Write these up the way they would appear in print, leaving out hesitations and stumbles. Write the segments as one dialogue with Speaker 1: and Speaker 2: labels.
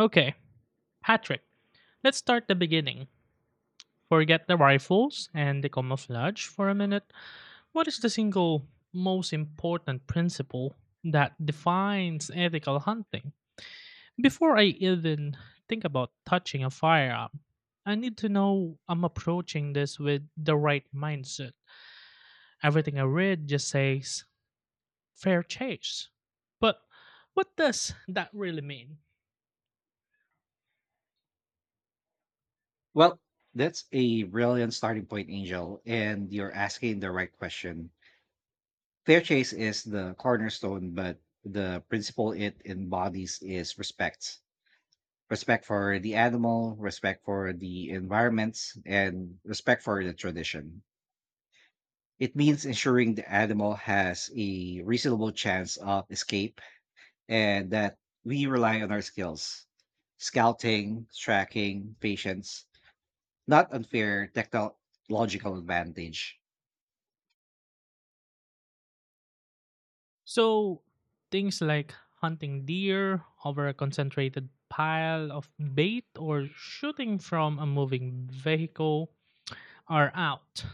Speaker 1: Okay, Patrick, let's start the beginning. Forget the rifles and the camouflage for a minute. What is the single most important principle that defines ethical hunting? Before I even think about touching a firearm, I need to know I'm approaching this with the right mindset. Everything I read just says fair chase. But what does that really mean?
Speaker 2: Well, that's a brilliant starting point, Angel, and you're asking the right question. Fair chase is the cornerstone, but the principle it embodies is respect. Respect for the animal, respect for the environments, and respect for the tradition. It means ensuring the animal has a reasonable chance of escape and that we rely on our skills, scouting, tracking, patience, not unfair technological advantage.
Speaker 1: So things like hunting deer over a concentrated pile of bait or shooting from a moving vehicle are out.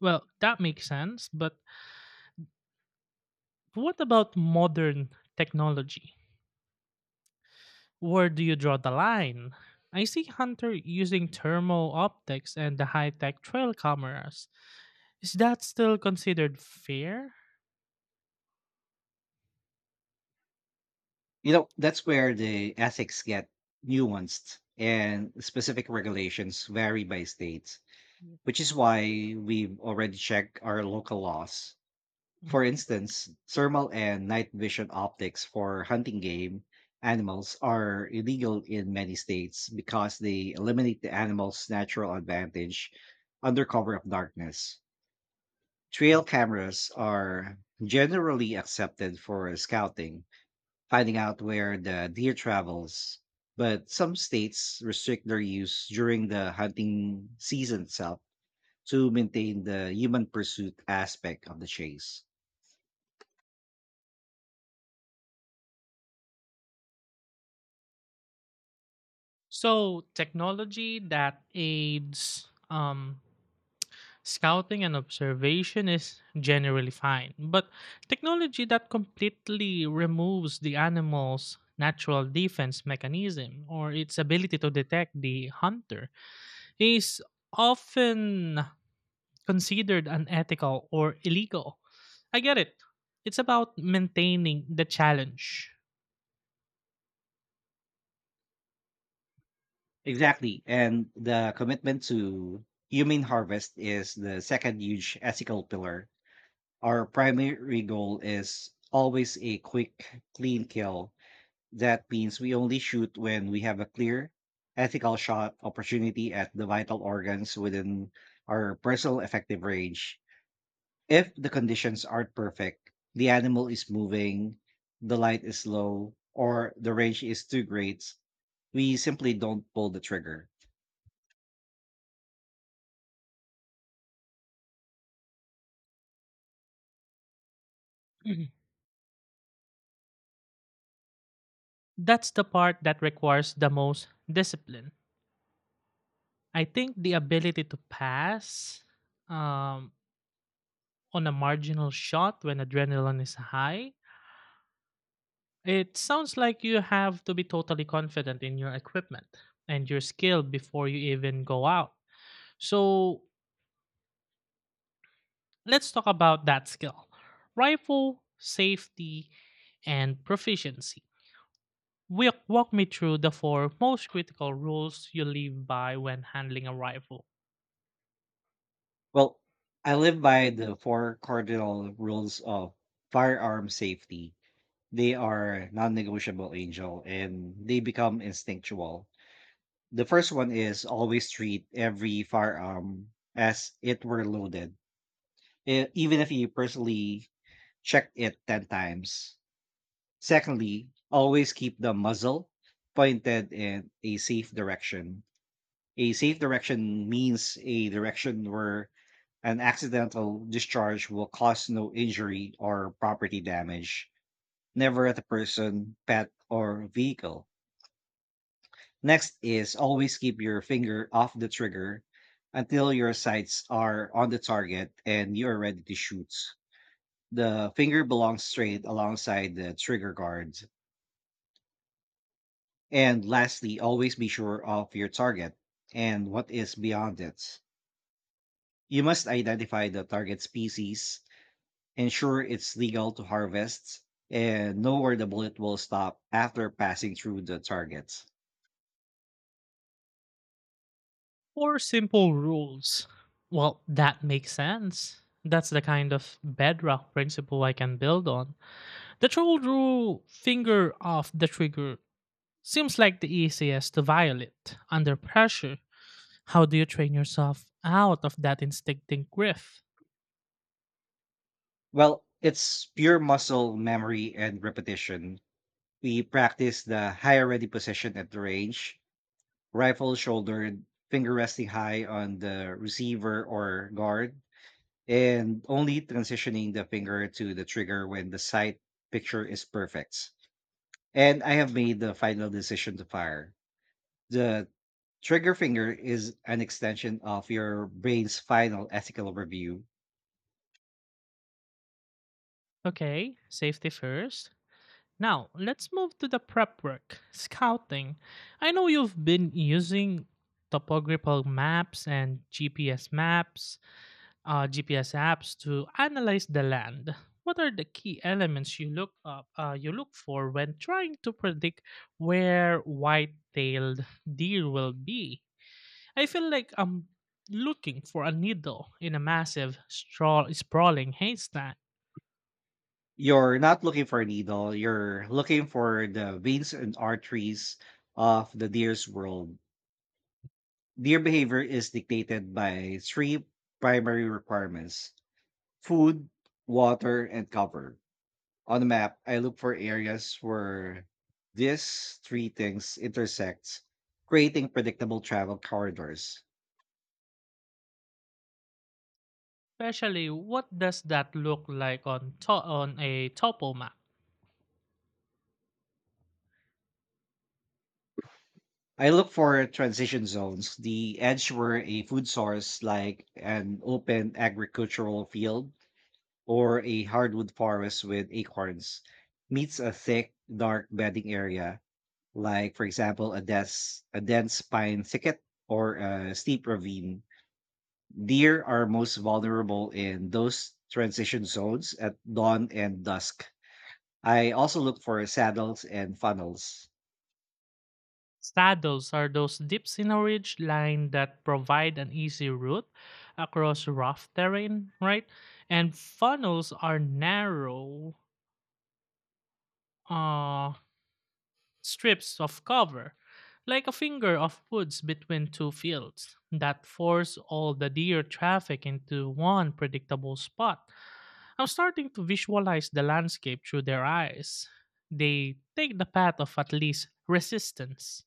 Speaker 1: Well, that makes sense, but what about modern technology? Where do you draw the line? I see hunter using thermal optics and the high-tech trail cameras. Is that still considered fair?
Speaker 2: You know, that's where the ethics get nuanced and specific regulations vary by state, which is why we've already checked our local laws.
Speaker 1: Mm.
Speaker 2: For instance, thermal and night vision optics for hunting game animals are illegal in many states because they eliminate the animal's natural advantage under cover of darkness. Trail cameras are generally accepted for scouting, finding out where the deer travels, but some states restrict their use during the hunting season itself to maintain the human pursuit aspect of the chase.
Speaker 1: So technology that aids scouting and observation is generally fine, but technology that completely removes the animal's natural defense mechanism or its ability to detect the hunter is often considered unethical or illegal. I get it. It's about maintaining the challenge.
Speaker 2: Exactly. And the commitment to human harvest is the second huge ethical pillar. Our primary goal is always a quick, clean kill. That means we only shoot when we have a clear, ethical shot opportunity at the vital organs within our personal effective range. If the conditions aren't perfect, the animal is moving, the light is low, or the range is too great, we simply don't pull the trigger.
Speaker 1: Mhm. That's the part that requires the most discipline. I think the ability to pass um, on a marginal shot when adrenaline is high. It sounds like you have to be totally confident in your equipment and your skill before you even go out. So, let's talk about that skill, rifle, safety, and proficiency. Walk me through the four most critical rules you live by when handling a rifle.
Speaker 2: Well, I live by the four cardinal rules of firearm safety. They are non negotiable, Angel, and they become instinctual. The first one is always treat every firearm as it were loaded, even if you personally checked it 10 times. Secondly, always keep the muzzle pointed in a safe direction. A safe direction means a direction where an accidental discharge will cause no injury or property damage, never at a person, pet, or vehicle. Next is always keep your finger off the trigger until your sights are on the target and you are ready to shoot. The finger belongs straight alongside the trigger guard. And lastly, always be sure of your target and what is beyond it. You must identify the target species, ensure it's legal to harvest, and know where the bullet will stop after passing through the target.
Speaker 1: Four simple rules. Well, that makes sense. That's the kind of bedrock principle I can build on. The troll rule finger off the trigger seems like the easiest to violate under pressure. How do you train yourself out of that instinctive grip?
Speaker 2: Well, it's pure muscle memory and repetition. We practice the higher ready position at the range, rifle shouldered, finger resting high on the receiver or guard, and only transitioning the finger to the trigger when the sight picture is perfect. And I have made the final decision to fire. The trigger finger is an extension of your brain's final ethical review.
Speaker 1: Okay, safety first. Now, let's move to the prep work, scouting. I know you've been using topographical maps and GPS maps, GPS apps to analyze the land. What are the key elements you you look for when trying to predict where white-tailed deer will be? I feel like I'm looking for a needle in a massive, sprawling haystack.
Speaker 2: You're not looking for a needle, you're looking for the veins and arteries of the deer's world. Deer behavior is dictated by three primary requirements: food, water, and cover. On the map, I look for areas where these three things intersect, creating predictable travel corridors.
Speaker 1: Especially, what does that look like on a topo map?
Speaker 2: I look for transition zones, the edge where a food source like an open agricultural field or a hardwood forest with acorns meets a thick, dark bedding area, like for example a dense pine thicket or a steep ravine. Deer are most vulnerable in those transition zones at dawn and dusk. I also look for saddles and funnels.
Speaker 1: Saddles are those dips in a ridge line that provide an easy route across rough terrain, right? And funnels are narrow uh, strips of cover, like a finger of woods between two fields, that force all the deer traffic into one predictable spot. I'm starting to visualize the landscape through their eyes. They take the path of at least resistance.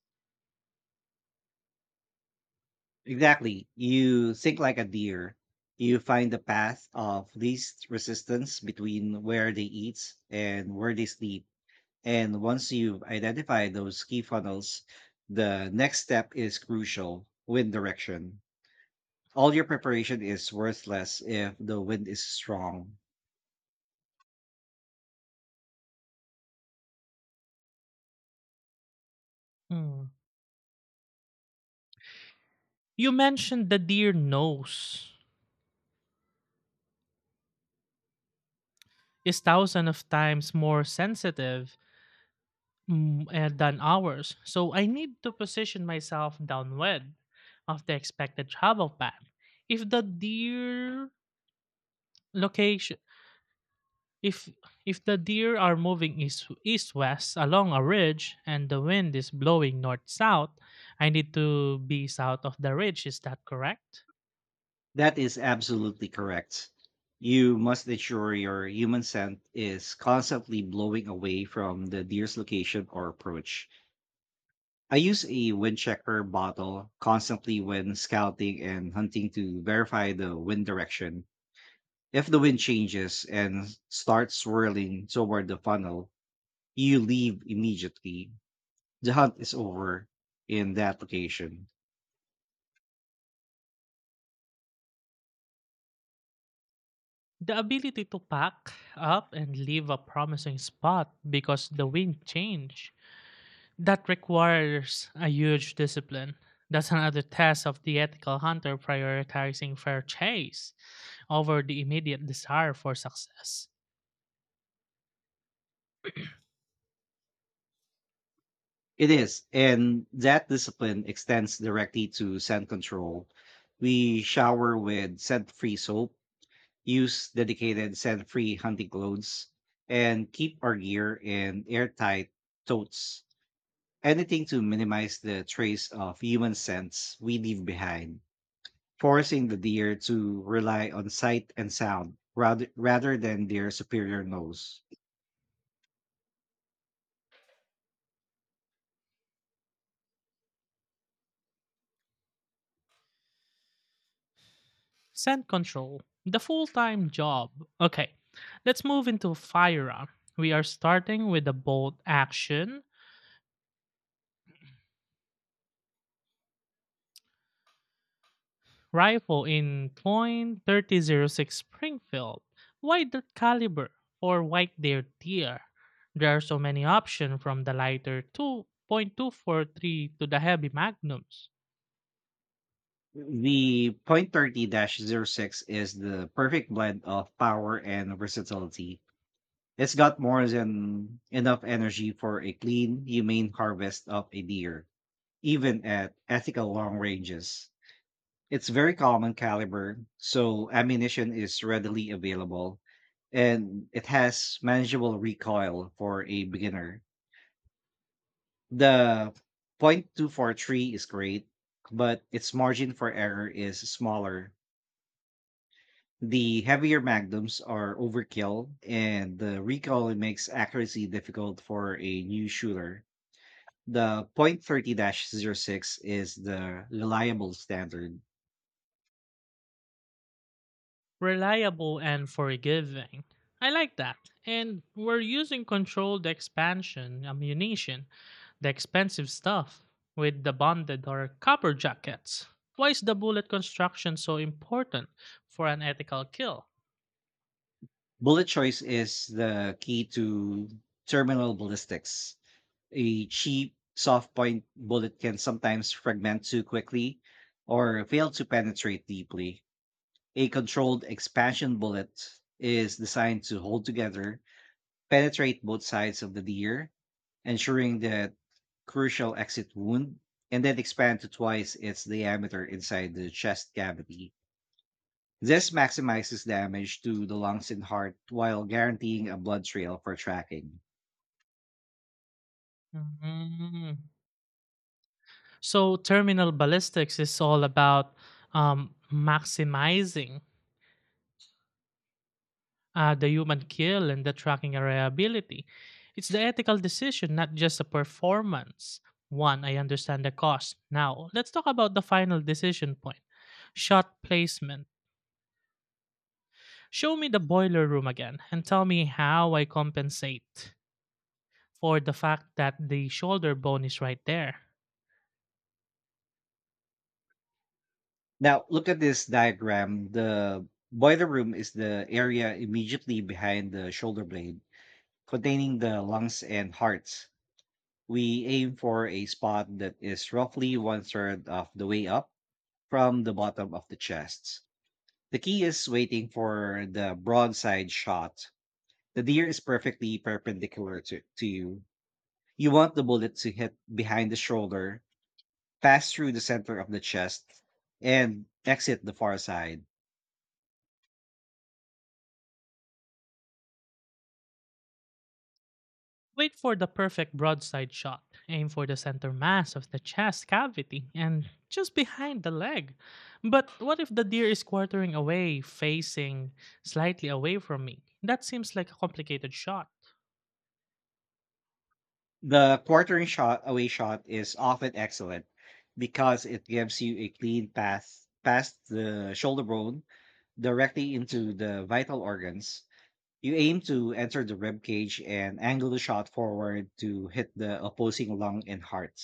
Speaker 2: Exactly, you think like a deer. You find the path of least resistance between where they eat and where they sleep, and once you've identified those key funnels, the next step is crucial: wind direction. All your preparation is worthless if the wind is strong.
Speaker 1: Hmm. You mentioned the deer nose is thousands of times more sensitive than ours, so I need to position myself downwind of the expected travel path. If the deer location, if if the deer are moving east west along a ridge and the wind is blowing north south, I need to be south of the ridge. Is that correct?
Speaker 2: That is absolutely correct. You must ensure your human scent is constantly blowing away from the deer's location or approach. I use a windchecker bottle constantly when scouting and hunting to verify the wind direction. If the wind changes and starts swirling toward the funnel, you leave immediately. The hunt is over in that location.
Speaker 1: The ability to pack up and leave a promising spot because the wind changed. That requires a huge discipline. That's another test of the ethical hunter prioritizing fair chase over the immediate desire for success.
Speaker 2: It is, and that discipline extends directly to scent control. We shower with scent free soap, use dedicated scent free hunting clothes, and keep our gear in airtight totes. Anything to minimize the trace of human scents we leave behind, forcing the deer to rely on sight and sound rather than their superior nose.
Speaker 1: Scent control, the full time job. Okay, let's move into firearm. We are starting with the bolt action rifle in point thirty zero six Springfield. Why that caliber? Or white deer? There are so many options from the lighter 2.243 to the heavy magnums.
Speaker 2: The point thirty oh 06 is the perfect blend of power and versatility. It's got more than enough energy for a clean, humane harvest of a deer, even at ethical long ranges. It's very common caliber, so ammunition is readily available, and it has manageable recoil for a beginner. The .243 is great, but its margin for error is smaller. The heavier magnums are overkill, and the recoil makes accuracy difficult for a new shooter. The .30-06 is the reliable standard.
Speaker 1: Reliable and forgiving. I like that. And we're using controlled expansion ammunition, the expensive stuff, with the bonded or copper jackets. Why is the bullet construction so important for an ethical kill?
Speaker 2: Bullet choice is the key to terminal ballistics. A cheap soft point bullet can sometimes fragment too quickly or fail to penetrate deeply. A controlled expansion bullet is designed to hold together, penetrate both sides of the deer, ensuring that crucial exit wound, and then expand to twice its diameter inside the chest cavity. This maximizes damage to the lungs and heart while guaranteeing a blood trail for tracking.
Speaker 1: Mhm. So, terminal ballistics is all about maximizing the human kill and the tracking area ability. It's the ethical decision, not just a performance. One, I understand the cost. Now, let's talk about the final decision point, shot placement. Show me the boiler room again and tell me how I compensate for the fact that the shoulder bone is right there.
Speaker 2: Now, look at this diagram. The boiler room is the area immediately behind the shoulder blade, containing the lungs and hearts. We aim for a spot that is roughly one third of the way up from the bottom of the chest. The key is waiting for the broadside shot. The deer is perfectly perpendicular to you. You want the bullet to hit behind the shoulder, pass through the center of the chest, and exit the far side.
Speaker 1: Wait for the perfect broadside shot. Aim for the center mass of the chest cavity and just behind the leg. But what if the deer is quartering away, facing slightly away from me? That seems like a complicated shot.
Speaker 2: The quartering shot away shot is often excellent because it gives you a clean path past the shoulder bone directly into the vital organs. You aim to enter the rib cage and angle the shot forward to hit the opposing lung and heart.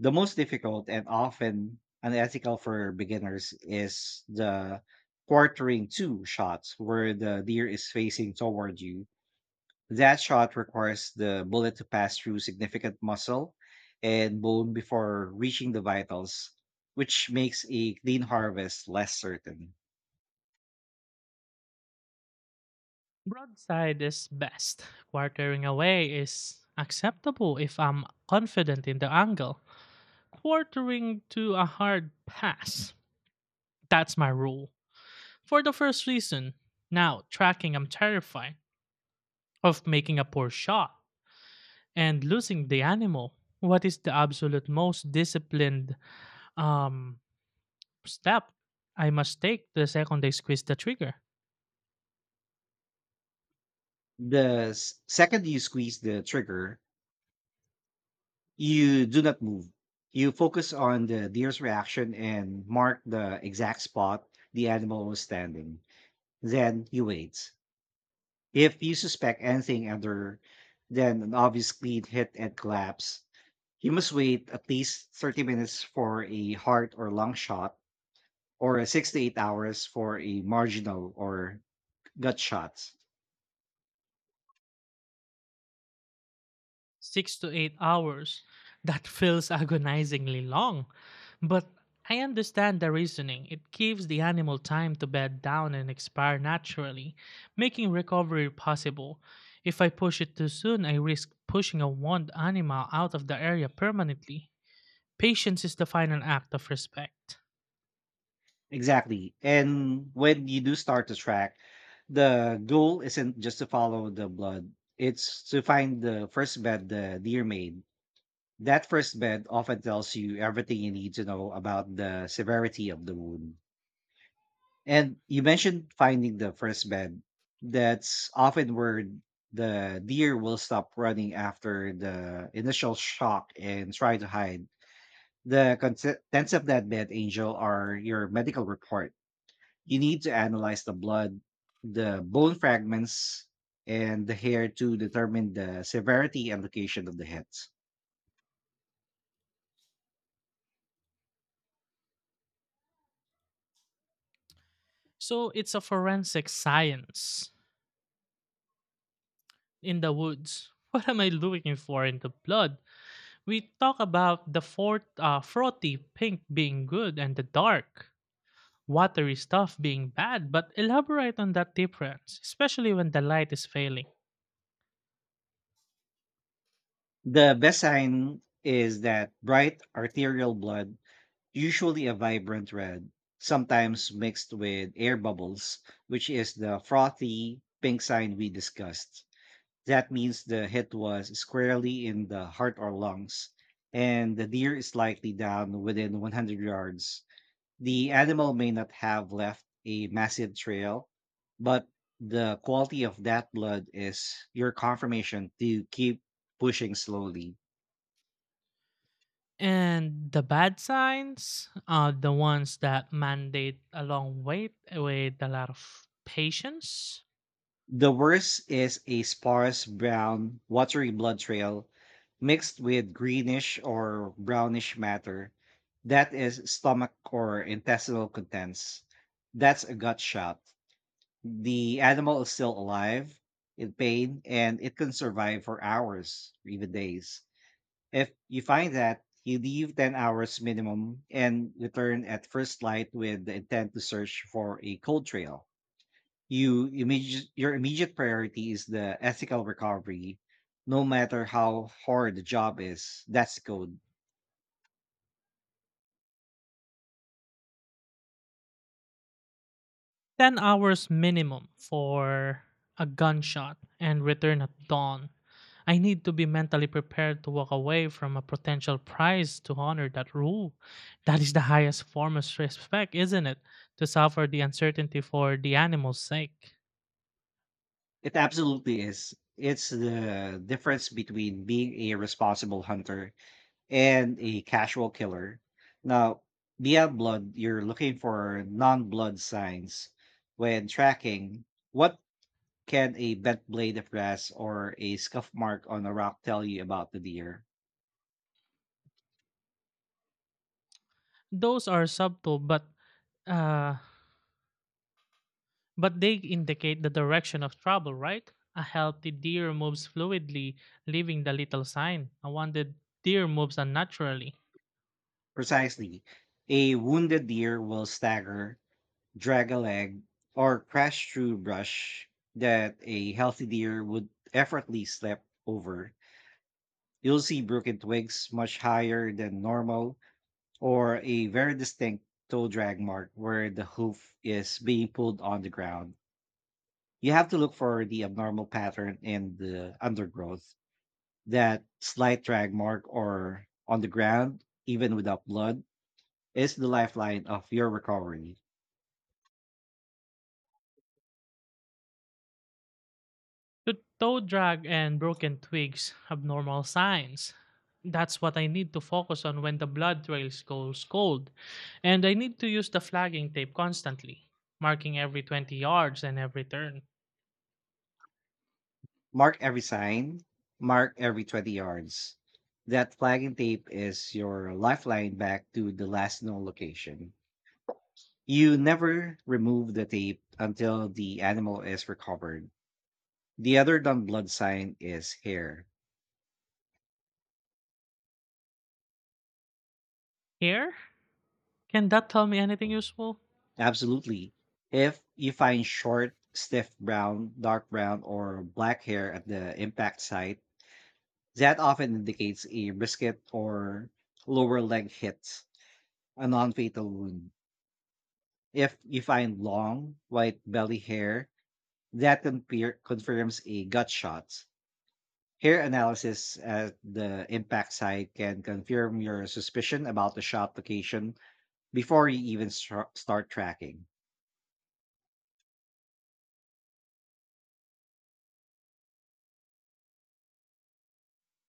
Speaker 2: The most difficult and often unethical for beginners is the quartering two shots where the deer is facing toward you. That shot requires the bullet to pass through significant muscle and bone before reaching the vitals, which makes a clean harvest less certain.
Speaker 1: Broadside is best. Quartering away is acceptable if I'm confident in the angle. Quartering to a hard pass. That's my rule. For the first reason, now tracking, I'm terrified of making a poor shot and losing the animal. What is the absolute most disciplined um, step I must take the second I squeeze the trigger?
Speaker 2: The second you squeeze the trigger, you do not move. You focus on the deer's reaction and mark the exact spot the animal was standing. Then you wait. If you suspect anything other than an obvious clean hit and collapse, you must wait at least 30 minutes for a heart or lung shot, or 6 to 8 hours for a marginal or gut shot.
Speaker 1: 6 to 8 hours. That feels agonizingly long. But I understand the reasoning. It gives the animal time to bed down and expire naturally, making recovery possible. If I push it too soon, I risk pushing a wound animal out of the area permanently. Patience is the final act of respect.
Speaker 2: Exactly. And when you do start to track, the goal isn't just to follow the blood, it's to find the first bed the deer made. That first bed often tells you everything you need to know about the severity of the wound. And you mentioned finding the first bed. That's often where the deer will stop running after the initial shock and try to hide. The contents of that bed, Angel, are your medical report. You need to analyze the blood, the bone fragments, and the hair to determine the severity and location of the hits.
Speaker 1: So it's a forensic science in the woods. What am I looking for in the blood? We talk about the frothy pink being good and the dark, watery stuff being bad, but elaborate on that difference, especially when the light is failing.
Speaker 2: The best sign is that bright arterial blood, usually a vibrant red, sometimes mixed with air bubbles, which is the frothy pink sign we discussed. That means the hit was squarely in the heart or lungs, and the deer is likely down within 100 yards. The animal may not have left a massive trail, but the quality of that blood is your confirmation to keep pushing slowly.
Speaker 1: And the bad signs are the ones that mandate a long wait with a lot of patience.
Speaker 2: The worst is a sparse brown, watery blood trail mixed with greenish or brownish matter. That is stomach or intestinal contents. That's a gut shot. The animal is still alive, in pain, and it can survive for hours, even days. If you find that, you leave 10 hours minimum and return at first light with the intent to search for a cold trail. Your immediate priority is the ethical recovery, no matter how hard the job is. That's code.
Speaker 1: 10 hours minimum for a gunshot and return at dawn. I need to be mentally prepared to walk away from a potential prize to honor that rule. That is the highest form of respect, isn't it? To suffer the uncertainty for the animal's sake.
Speaker 2: It absolutely is. It's the difference between being a responsible hunter and a casual killer. Now, beyond blood, you're looking for non-blood signs when tracking. What can a bent blade of grass or a scuff mark on a rock tell you about the deer?
Speaker 1: Those are subtle, uh, but they indicate the direction of trouble, right? A healthy deer moves fluidly, leaving the little sign. A wounded deer moves unnaturally.
Speaker 2: Precisely. A wounded deer will stagger, drag a leg, or crash through brush that a healthy deer would effortlessly step over. You'll see broken twigs much higher than normal, or a very distinct toe drag mark where the hoof is being pulled on the ground. You have to look for the abnormal pattern in the undergrowth. That slight drag mark or on the ground, even without blood, is the lifeline of your recovery.
Speaker 1: The toe drag and broken twigs abnormal signs. That's what I need to focus on when the blood trails goes cold. And I need to use the flagging tape constantly, marking every 20 yards and every turn.
Speaker 2: Mark every sign, mark every 20 yards. That flagging tape is your lifeline back to the last known location. You never remove the tape until the animal is recovered. The other non blood sign is hair.
Speaker 1: Here? Can that tell me anything useful?
Speaker 2: Absolutely. If you find short, stiff brown, dark brown, or black hair at the impact site, that often indicates a brisket or lower leg hit, a non fatal wound. If you find long, white belly hair, that confirms a gut shot. Hair analysis at the impact site can confirm your suspicion about the shot location before you even start tracking.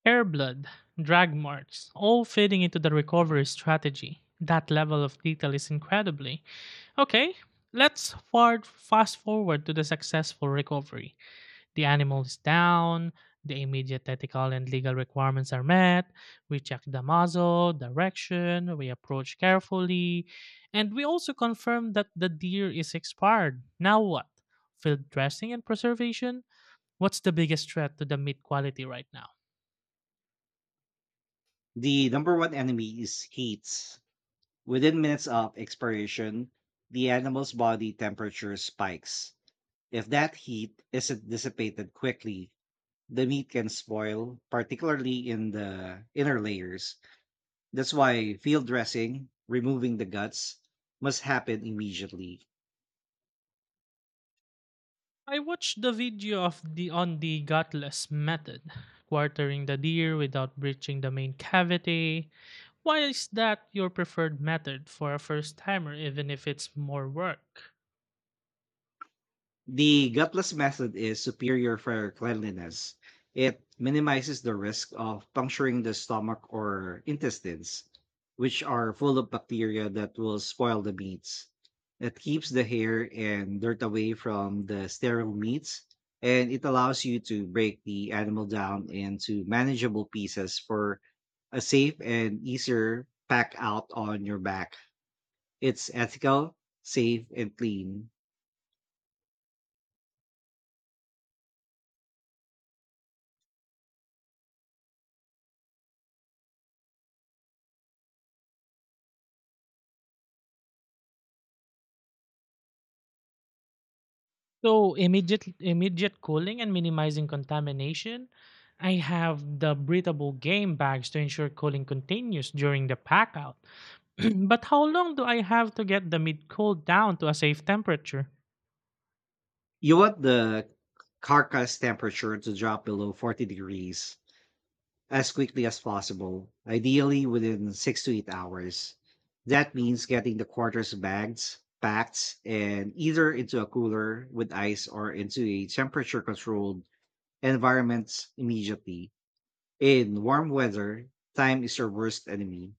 Speaker 1: Hair blood, drag marks, all fitting into the recovery strategy. That level of detail is incredibly. Okay, fast forward to the successful recovery. The animal is down, the immediate ethical and legal requirements are met, we check the muzzle, direction, we approach carefully, and we also confirm that the deer is expired. Now what? Field dressing and preservation? What's the biggest threat to the meat quality right now?
Speaker 2: The number one enemy is heat. Within minutes of expiration, the animal's body temperature spikes. If that heat isn't dissipated quickly, the meat can spoil, particularly in the inner layers. That's why field dressing, removing the guts, must happen immediately.
Speaker 1: I watched the video of the on the gutless method, quartering the deer without breaching the main cavity. Why is that your preferred method for a first timer, even if it's more work?
Speaker 2: The gutless method is superior for cleanliness. It minimizes the risk of puncturing the stomach or intestines, which are full of bacteria that will spoil the meats. It keeps the hair and dirt away from the sterile meats, and it allows you to break the animal down into manageable pieces for a safe and easier pack out on your back. It's ethical, safe, and clean.
Speaker 1: So immediate cooling and minimizing contamination. I have the breathable game bags to ensure cooling continues during the pack out. But how long do I have to get the mid cool down to a safe temperature?
Speaker 2: You want the carcass temperature to drop below 40 degrees as quickly as possible, ideally within 6 to 8 hours. That means getting the quarters bagged, packed, and either into a cooler with ice or into a temperature controlled environment immediately. In warm weather, time is your worst enemy.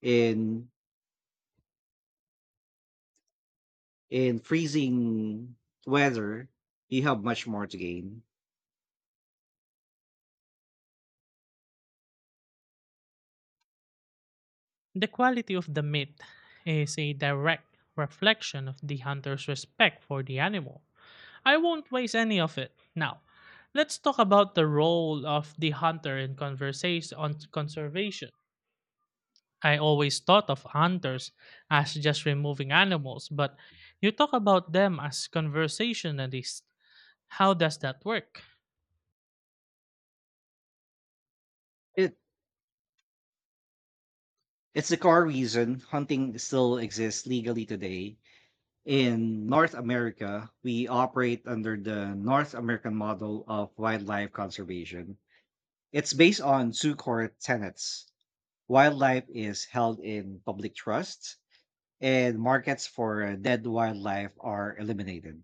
Speaker 2: In in freezing weather, you have much more to gain.
Speaker 1: The quality of the meat is a direct reflection of the hunter's respect for the animal. I won't waste any of it. Now, let's talk about the role of the hunter in conversation on conservation. I always thought of hunters as just removing animals, but you talk about them as conversationalists. How does that work?
Speaker 2: It's the core reason hunting still exists legally today. In North America, we operate under the North American model of wildlife conservation. It's based on two core tenets: wildlife is held in public trust, and markets for dead wildlife are eliminated.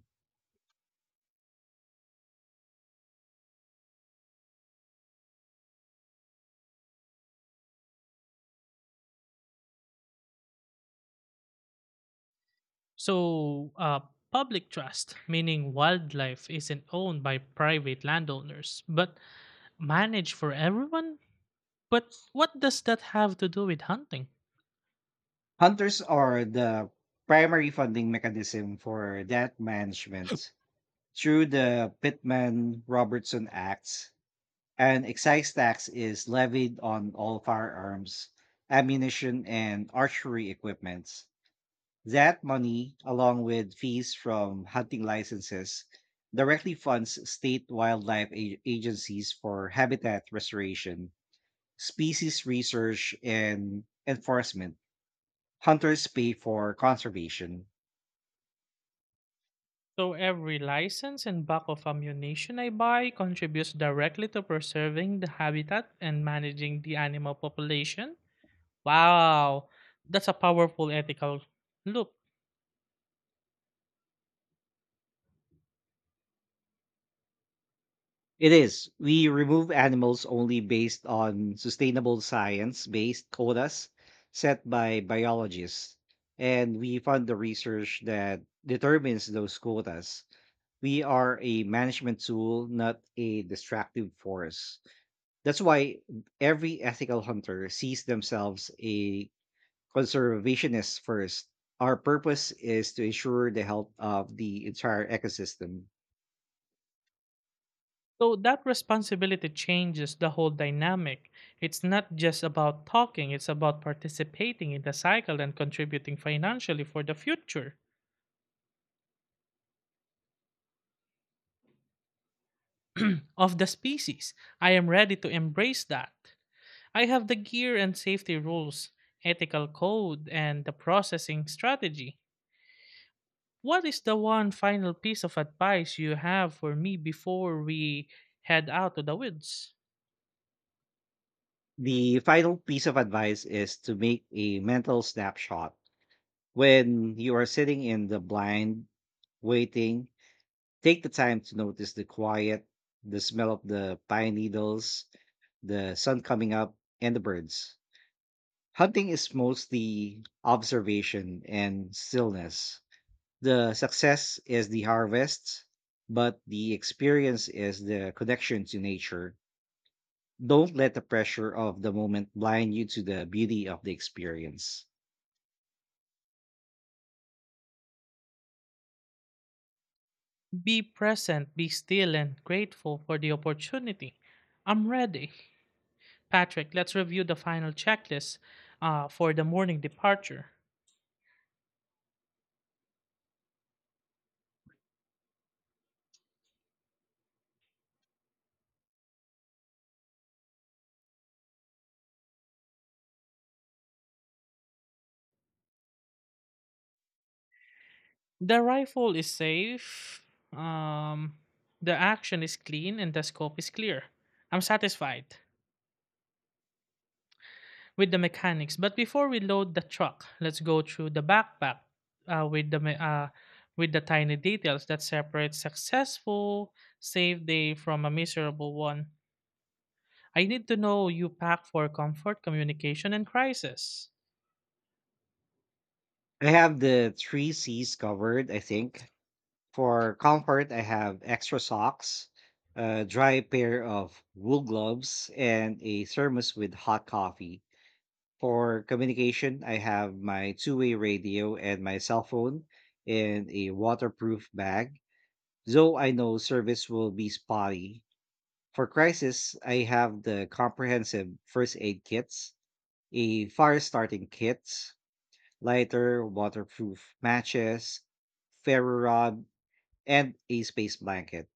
Speaker 1: So, public trust, meaning wildlife, isn't owned by private landowners, but manage for everyone? But what does that have to do with hunting?
Speaker 2: Hunters are the primary funding mechanism for that management through the Pittman Robertson Acts. An excise tax is levied on all firearms, ammunition, and archery equipments. That money, along with fees from hunting licenses, directly funds state wildlife agencies for habitat restoration, species research, and enforcement. Hunters pay for conservation.
Speaker 1: So every license and buck of ammunition I buy contributes directly to preserving the habitat and managing the animal population. Wow, that's a powerful ethical look.
Speaker 2: It is. We remove animals only based on sustainable science based quotas set by biologists. And we fund the research that determines those quotas. We are a management tool, not a destructive force. That's why every ethical hunter sees themselves a conservationist first. Our purpose is to ensure the health of the entire ecosystem.
Speaker 1: So that responsibility changes the whole dynamic. It's not just about talking, it's about participating in the cycle and contributing financially for the future of the species. I am ready to embrace that. I have the gear and safety rules, ethical code, and the processing strategy. What is the one final piece of advice you have for me before we head out to the woods?
Speaker 2: The final piece of advice is to make a mental snapshot. When you are sitting in the blind, waiting, take the time to notice the quiet, the smell of the pine needles, the sun coming up, and the birds. Hunting is mostly observation and stillness. The success is the harvest, but the experience is the connection to nature. Don't let the pressure of the moment blind you to the beauty of the experience.
Speaker 1: Be present, be still, and grateful for the opportunity. I'm ready. Patrick, let's review the final checklist for the morning departure. The rifle is safe, um, the action is clean, and the scope is clear. I'm satisfied with the mechanics. But before we load the truck, let's go through the backpack uh, with the me- uh, with the tiny details that separate successful save day from a miserable one. I need to know you pack for comfort, communication, and crisis.
Speaker 2: I have the three C's covered, I think. For comfort, I have extra socks, a dry pair of wool gloves, and a thermos with hot coffee. For communication, I have my two-way radio and my cell phone in a waterproof bag, though I know service will be spotty. For crisis, I have the comprehensive first aid kits, a fire starting kit, lighter, waterproof matches, ferro rod, and a space blanket.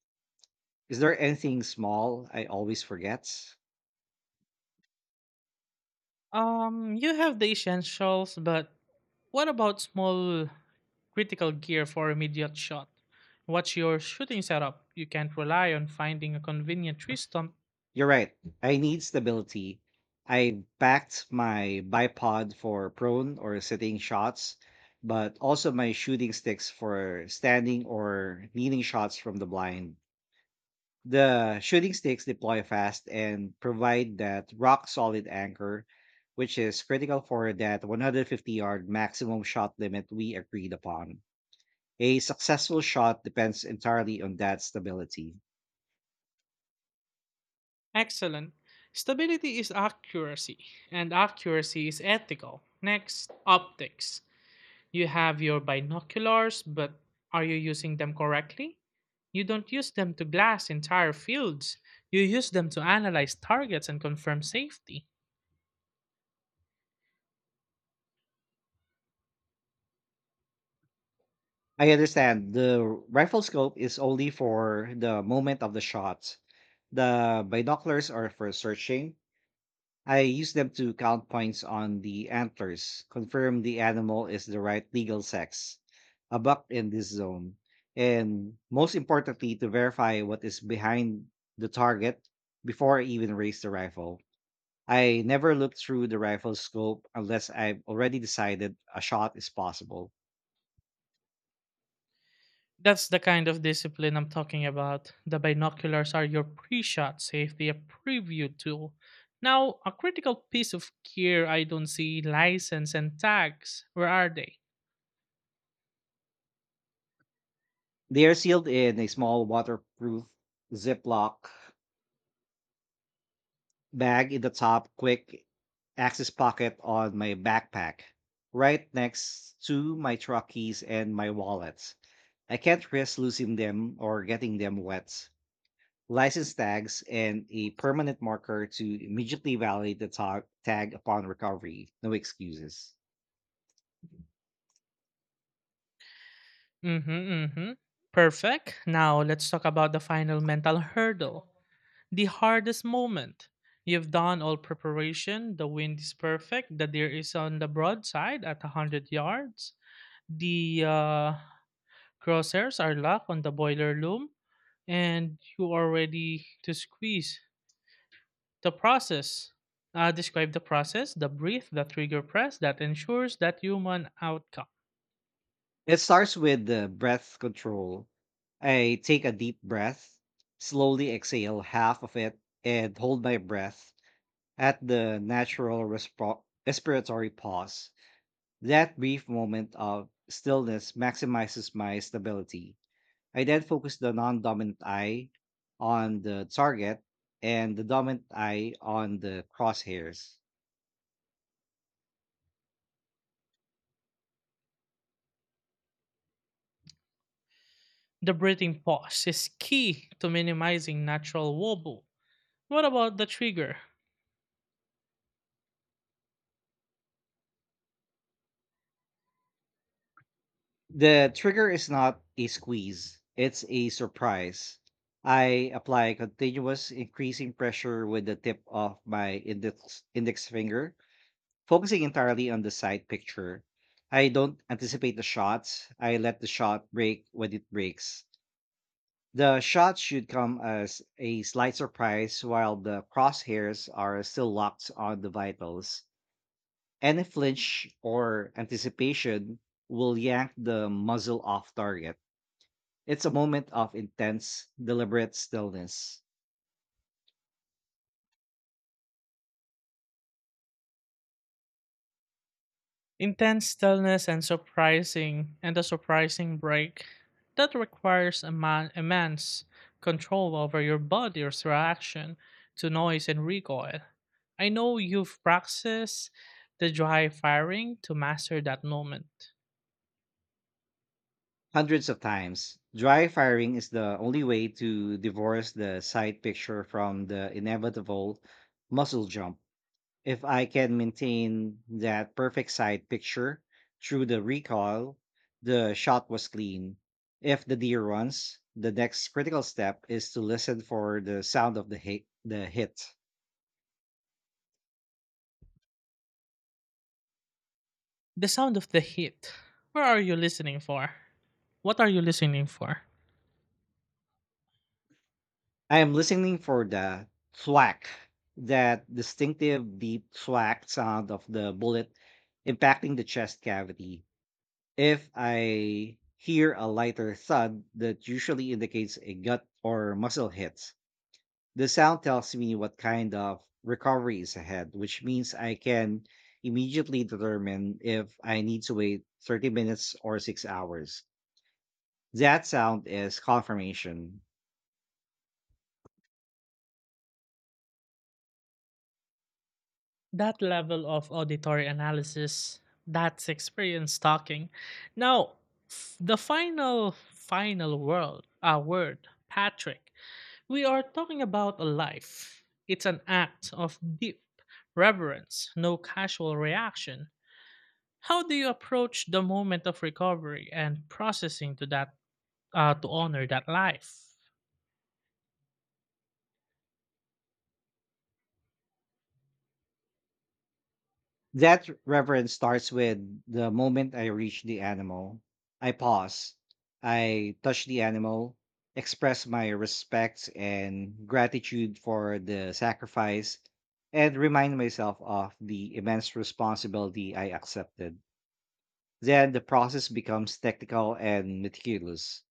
Speaker 2: Is there anything small I always forget?
Speaker 1: You have the essentials, but what about small critical gear for immediate shot? What's your shooting setup? You can't rely on finding a convenient tree stump.
Speaker 2: You're right. I need stability. I backed my bipod for prone or sitting shots, but also my shooting sticks for standing or leaning shots from the blind. The shooting sticks deploy fast and provide that rock solid anchor, which is critical for that 150 yard maximum shot limit we agreed upon. A successful shot depends entirely on that stability.
Speaker 1: Excellent. Stability is accuracy, and accuracy is ethical. Next, optics. You have your binoculars, but are you using them correctly? You don't use them to glass entire fields. You use them to analyze targets and confirm safety.
Speaker 2: I understand the rifle scope is only for the moment of the shot. The binoculars are for searching. I use them to count points on the antlers, confirm the animal is the right legal sex, a buck in this zone, and most importantly, to verify what is behind the target before I even raise the rifle. I never look through the rifle scope unless I've already decided a shot is possible.
Speaker 1: That's the kind of discipline I'm talking about. The binoculars are your pre shot safety, a preview tool. Now, a critical piece of gear I don't see, license and tags. Where are they?
Speaker 2: They are sealed in a small waterproof Ziploc bag in the top quick access pocket on my backpack, right next to my truck keys and my wallet. I can't risk losing them or getting them wet. License tags and a permanent marker to immediately validate the tag upon recovery. No excuses.
Speaker 1: Mm hmm, mm hmm. Perfect. Now, let's talk about the final mental hurdle, the hardest moment. You've done all preparation. The wind is perfect. The deer is on the broadside at 100 yards. The crosshairs are locked on the boiler loom, and you are ready to squeeze. The process. Describe the process, the breathe, the trigger press that ensures that human outcome.
Speaker 2: It starts with the breath control. I take a deep breath, slowly exhale half of it, and hold my breath at the natural respiratory pause. That brief moment of stillness maximizes my stability. I then focus the non dominant eye on the target and the dominant eye on the crosshairs.
Speaker 1: The breathing pause is key to minimizing natural wobble. What about the trigger?
Speaker 2: The trigger is not a squeeze, it's a surprise. I apply continuous increasing pressure with the tip of my index finger, focusing entirely on the side picture. I don't anticipate the shots. I let the shot break when it breaks. The shot should come as a slight surprise while the crosshairs are still locked on the vitals. Any flinch or anticipation will yank the muzzle off target. It's a moment of intense, deliberate stillness.
Speaker 1: Intense stillness and a surprising break that requires immense control over your body's reaction to noise and recoil. I know you've practiced the dry firing to master that moment.
Speaker 2: Hundreds of times. Dry firing is the only way to divorce the sight picture from the inevitable muzzle jump. If I can maintain that perfect sight picture through the recoil, the shot was clean. If the deer runs, the next critical step is to listen for the sound of the hit. The hit.
Speaker 1: The sound of the heat. Where are you listening for? What are you listening for?
Speaker 2: I am listening for the thwack, that distinctive deep thwack sound of the bullet impacting the chest cavity. If I hear a lighter thud that usually indicates a gut or muscle hit, the sound tells me what kind of recovery is ahead, which means I can immediately determine if I need to wait 30 minutes or 6 hours. That sound is confirmation.
Speaker 1: That level of auditory analysis, that's experience talking. Now, f- the final, final world, word, Patrick, we are talking about a life. It's an act of deep reverence, no casual reaction. How do you approach the moment of recovery and processing to that, to honor that life?
Speaker 2: That reverence starts with the moment I reach the animal. I pause. I touch the animal, express my respect and gratitude for the sacrifice, and remind myself of the immense responsibility I accepted. Then the process becomes technical and meticulous.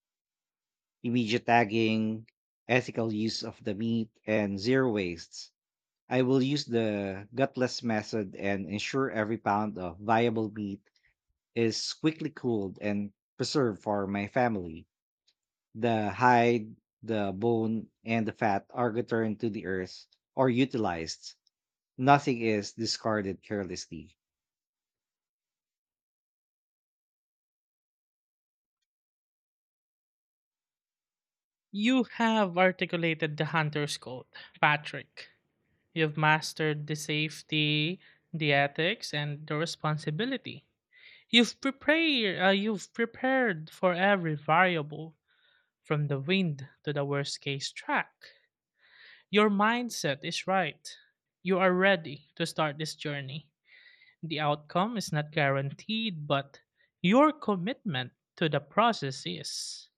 Speaker 2: Immediate tagging, ethical use of the meat, and zero wastes. I will use the gutless method and ensure every pound of viable meat is quickly cooled and preserved for my family. The hide, the bone, and the fat are returned to the earth or utilized. Nothing is discarded carelessly.
Speaker 1: You have articulated the hunter's code, Patrick. You've mastered the safety, the ethics, and the responsibility. You've prepared for every variable, from the wind to the worst case track. Your mindset is right. You are ready to start this journey. The outcome is not guaranteed, but your commitment to the process is.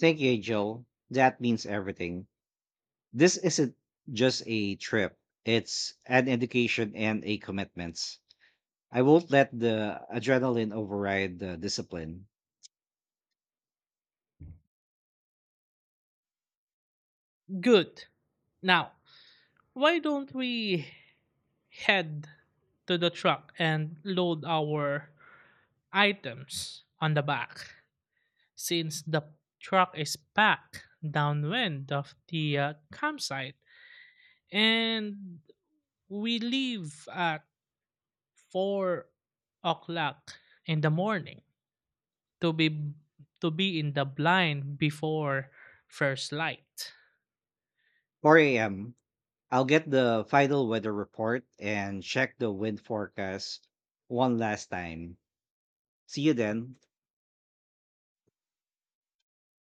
Speaker 2: Thank you, Joe. That means everything. This isn't just a trip, it's an education and a commitment. I won't let the adrenaline override the discipline.
Speaker 1: Good. Now, why don't we head to the truck and load our items on the back, since the truck is packed downwind of the campsite, and we leave at 4 o'clock in the morning to be in the blind before first light.
Speaker 2: 4 a.m. I'll get the final weather report and check the wind forecast one last time. See you then.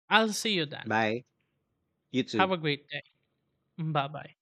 Speaker 1: I'll see you then.
Speaker 2: Bye. You
Speaker 1: Have
Speaker 2: too.
Speaker 1: a great day. Bye bye.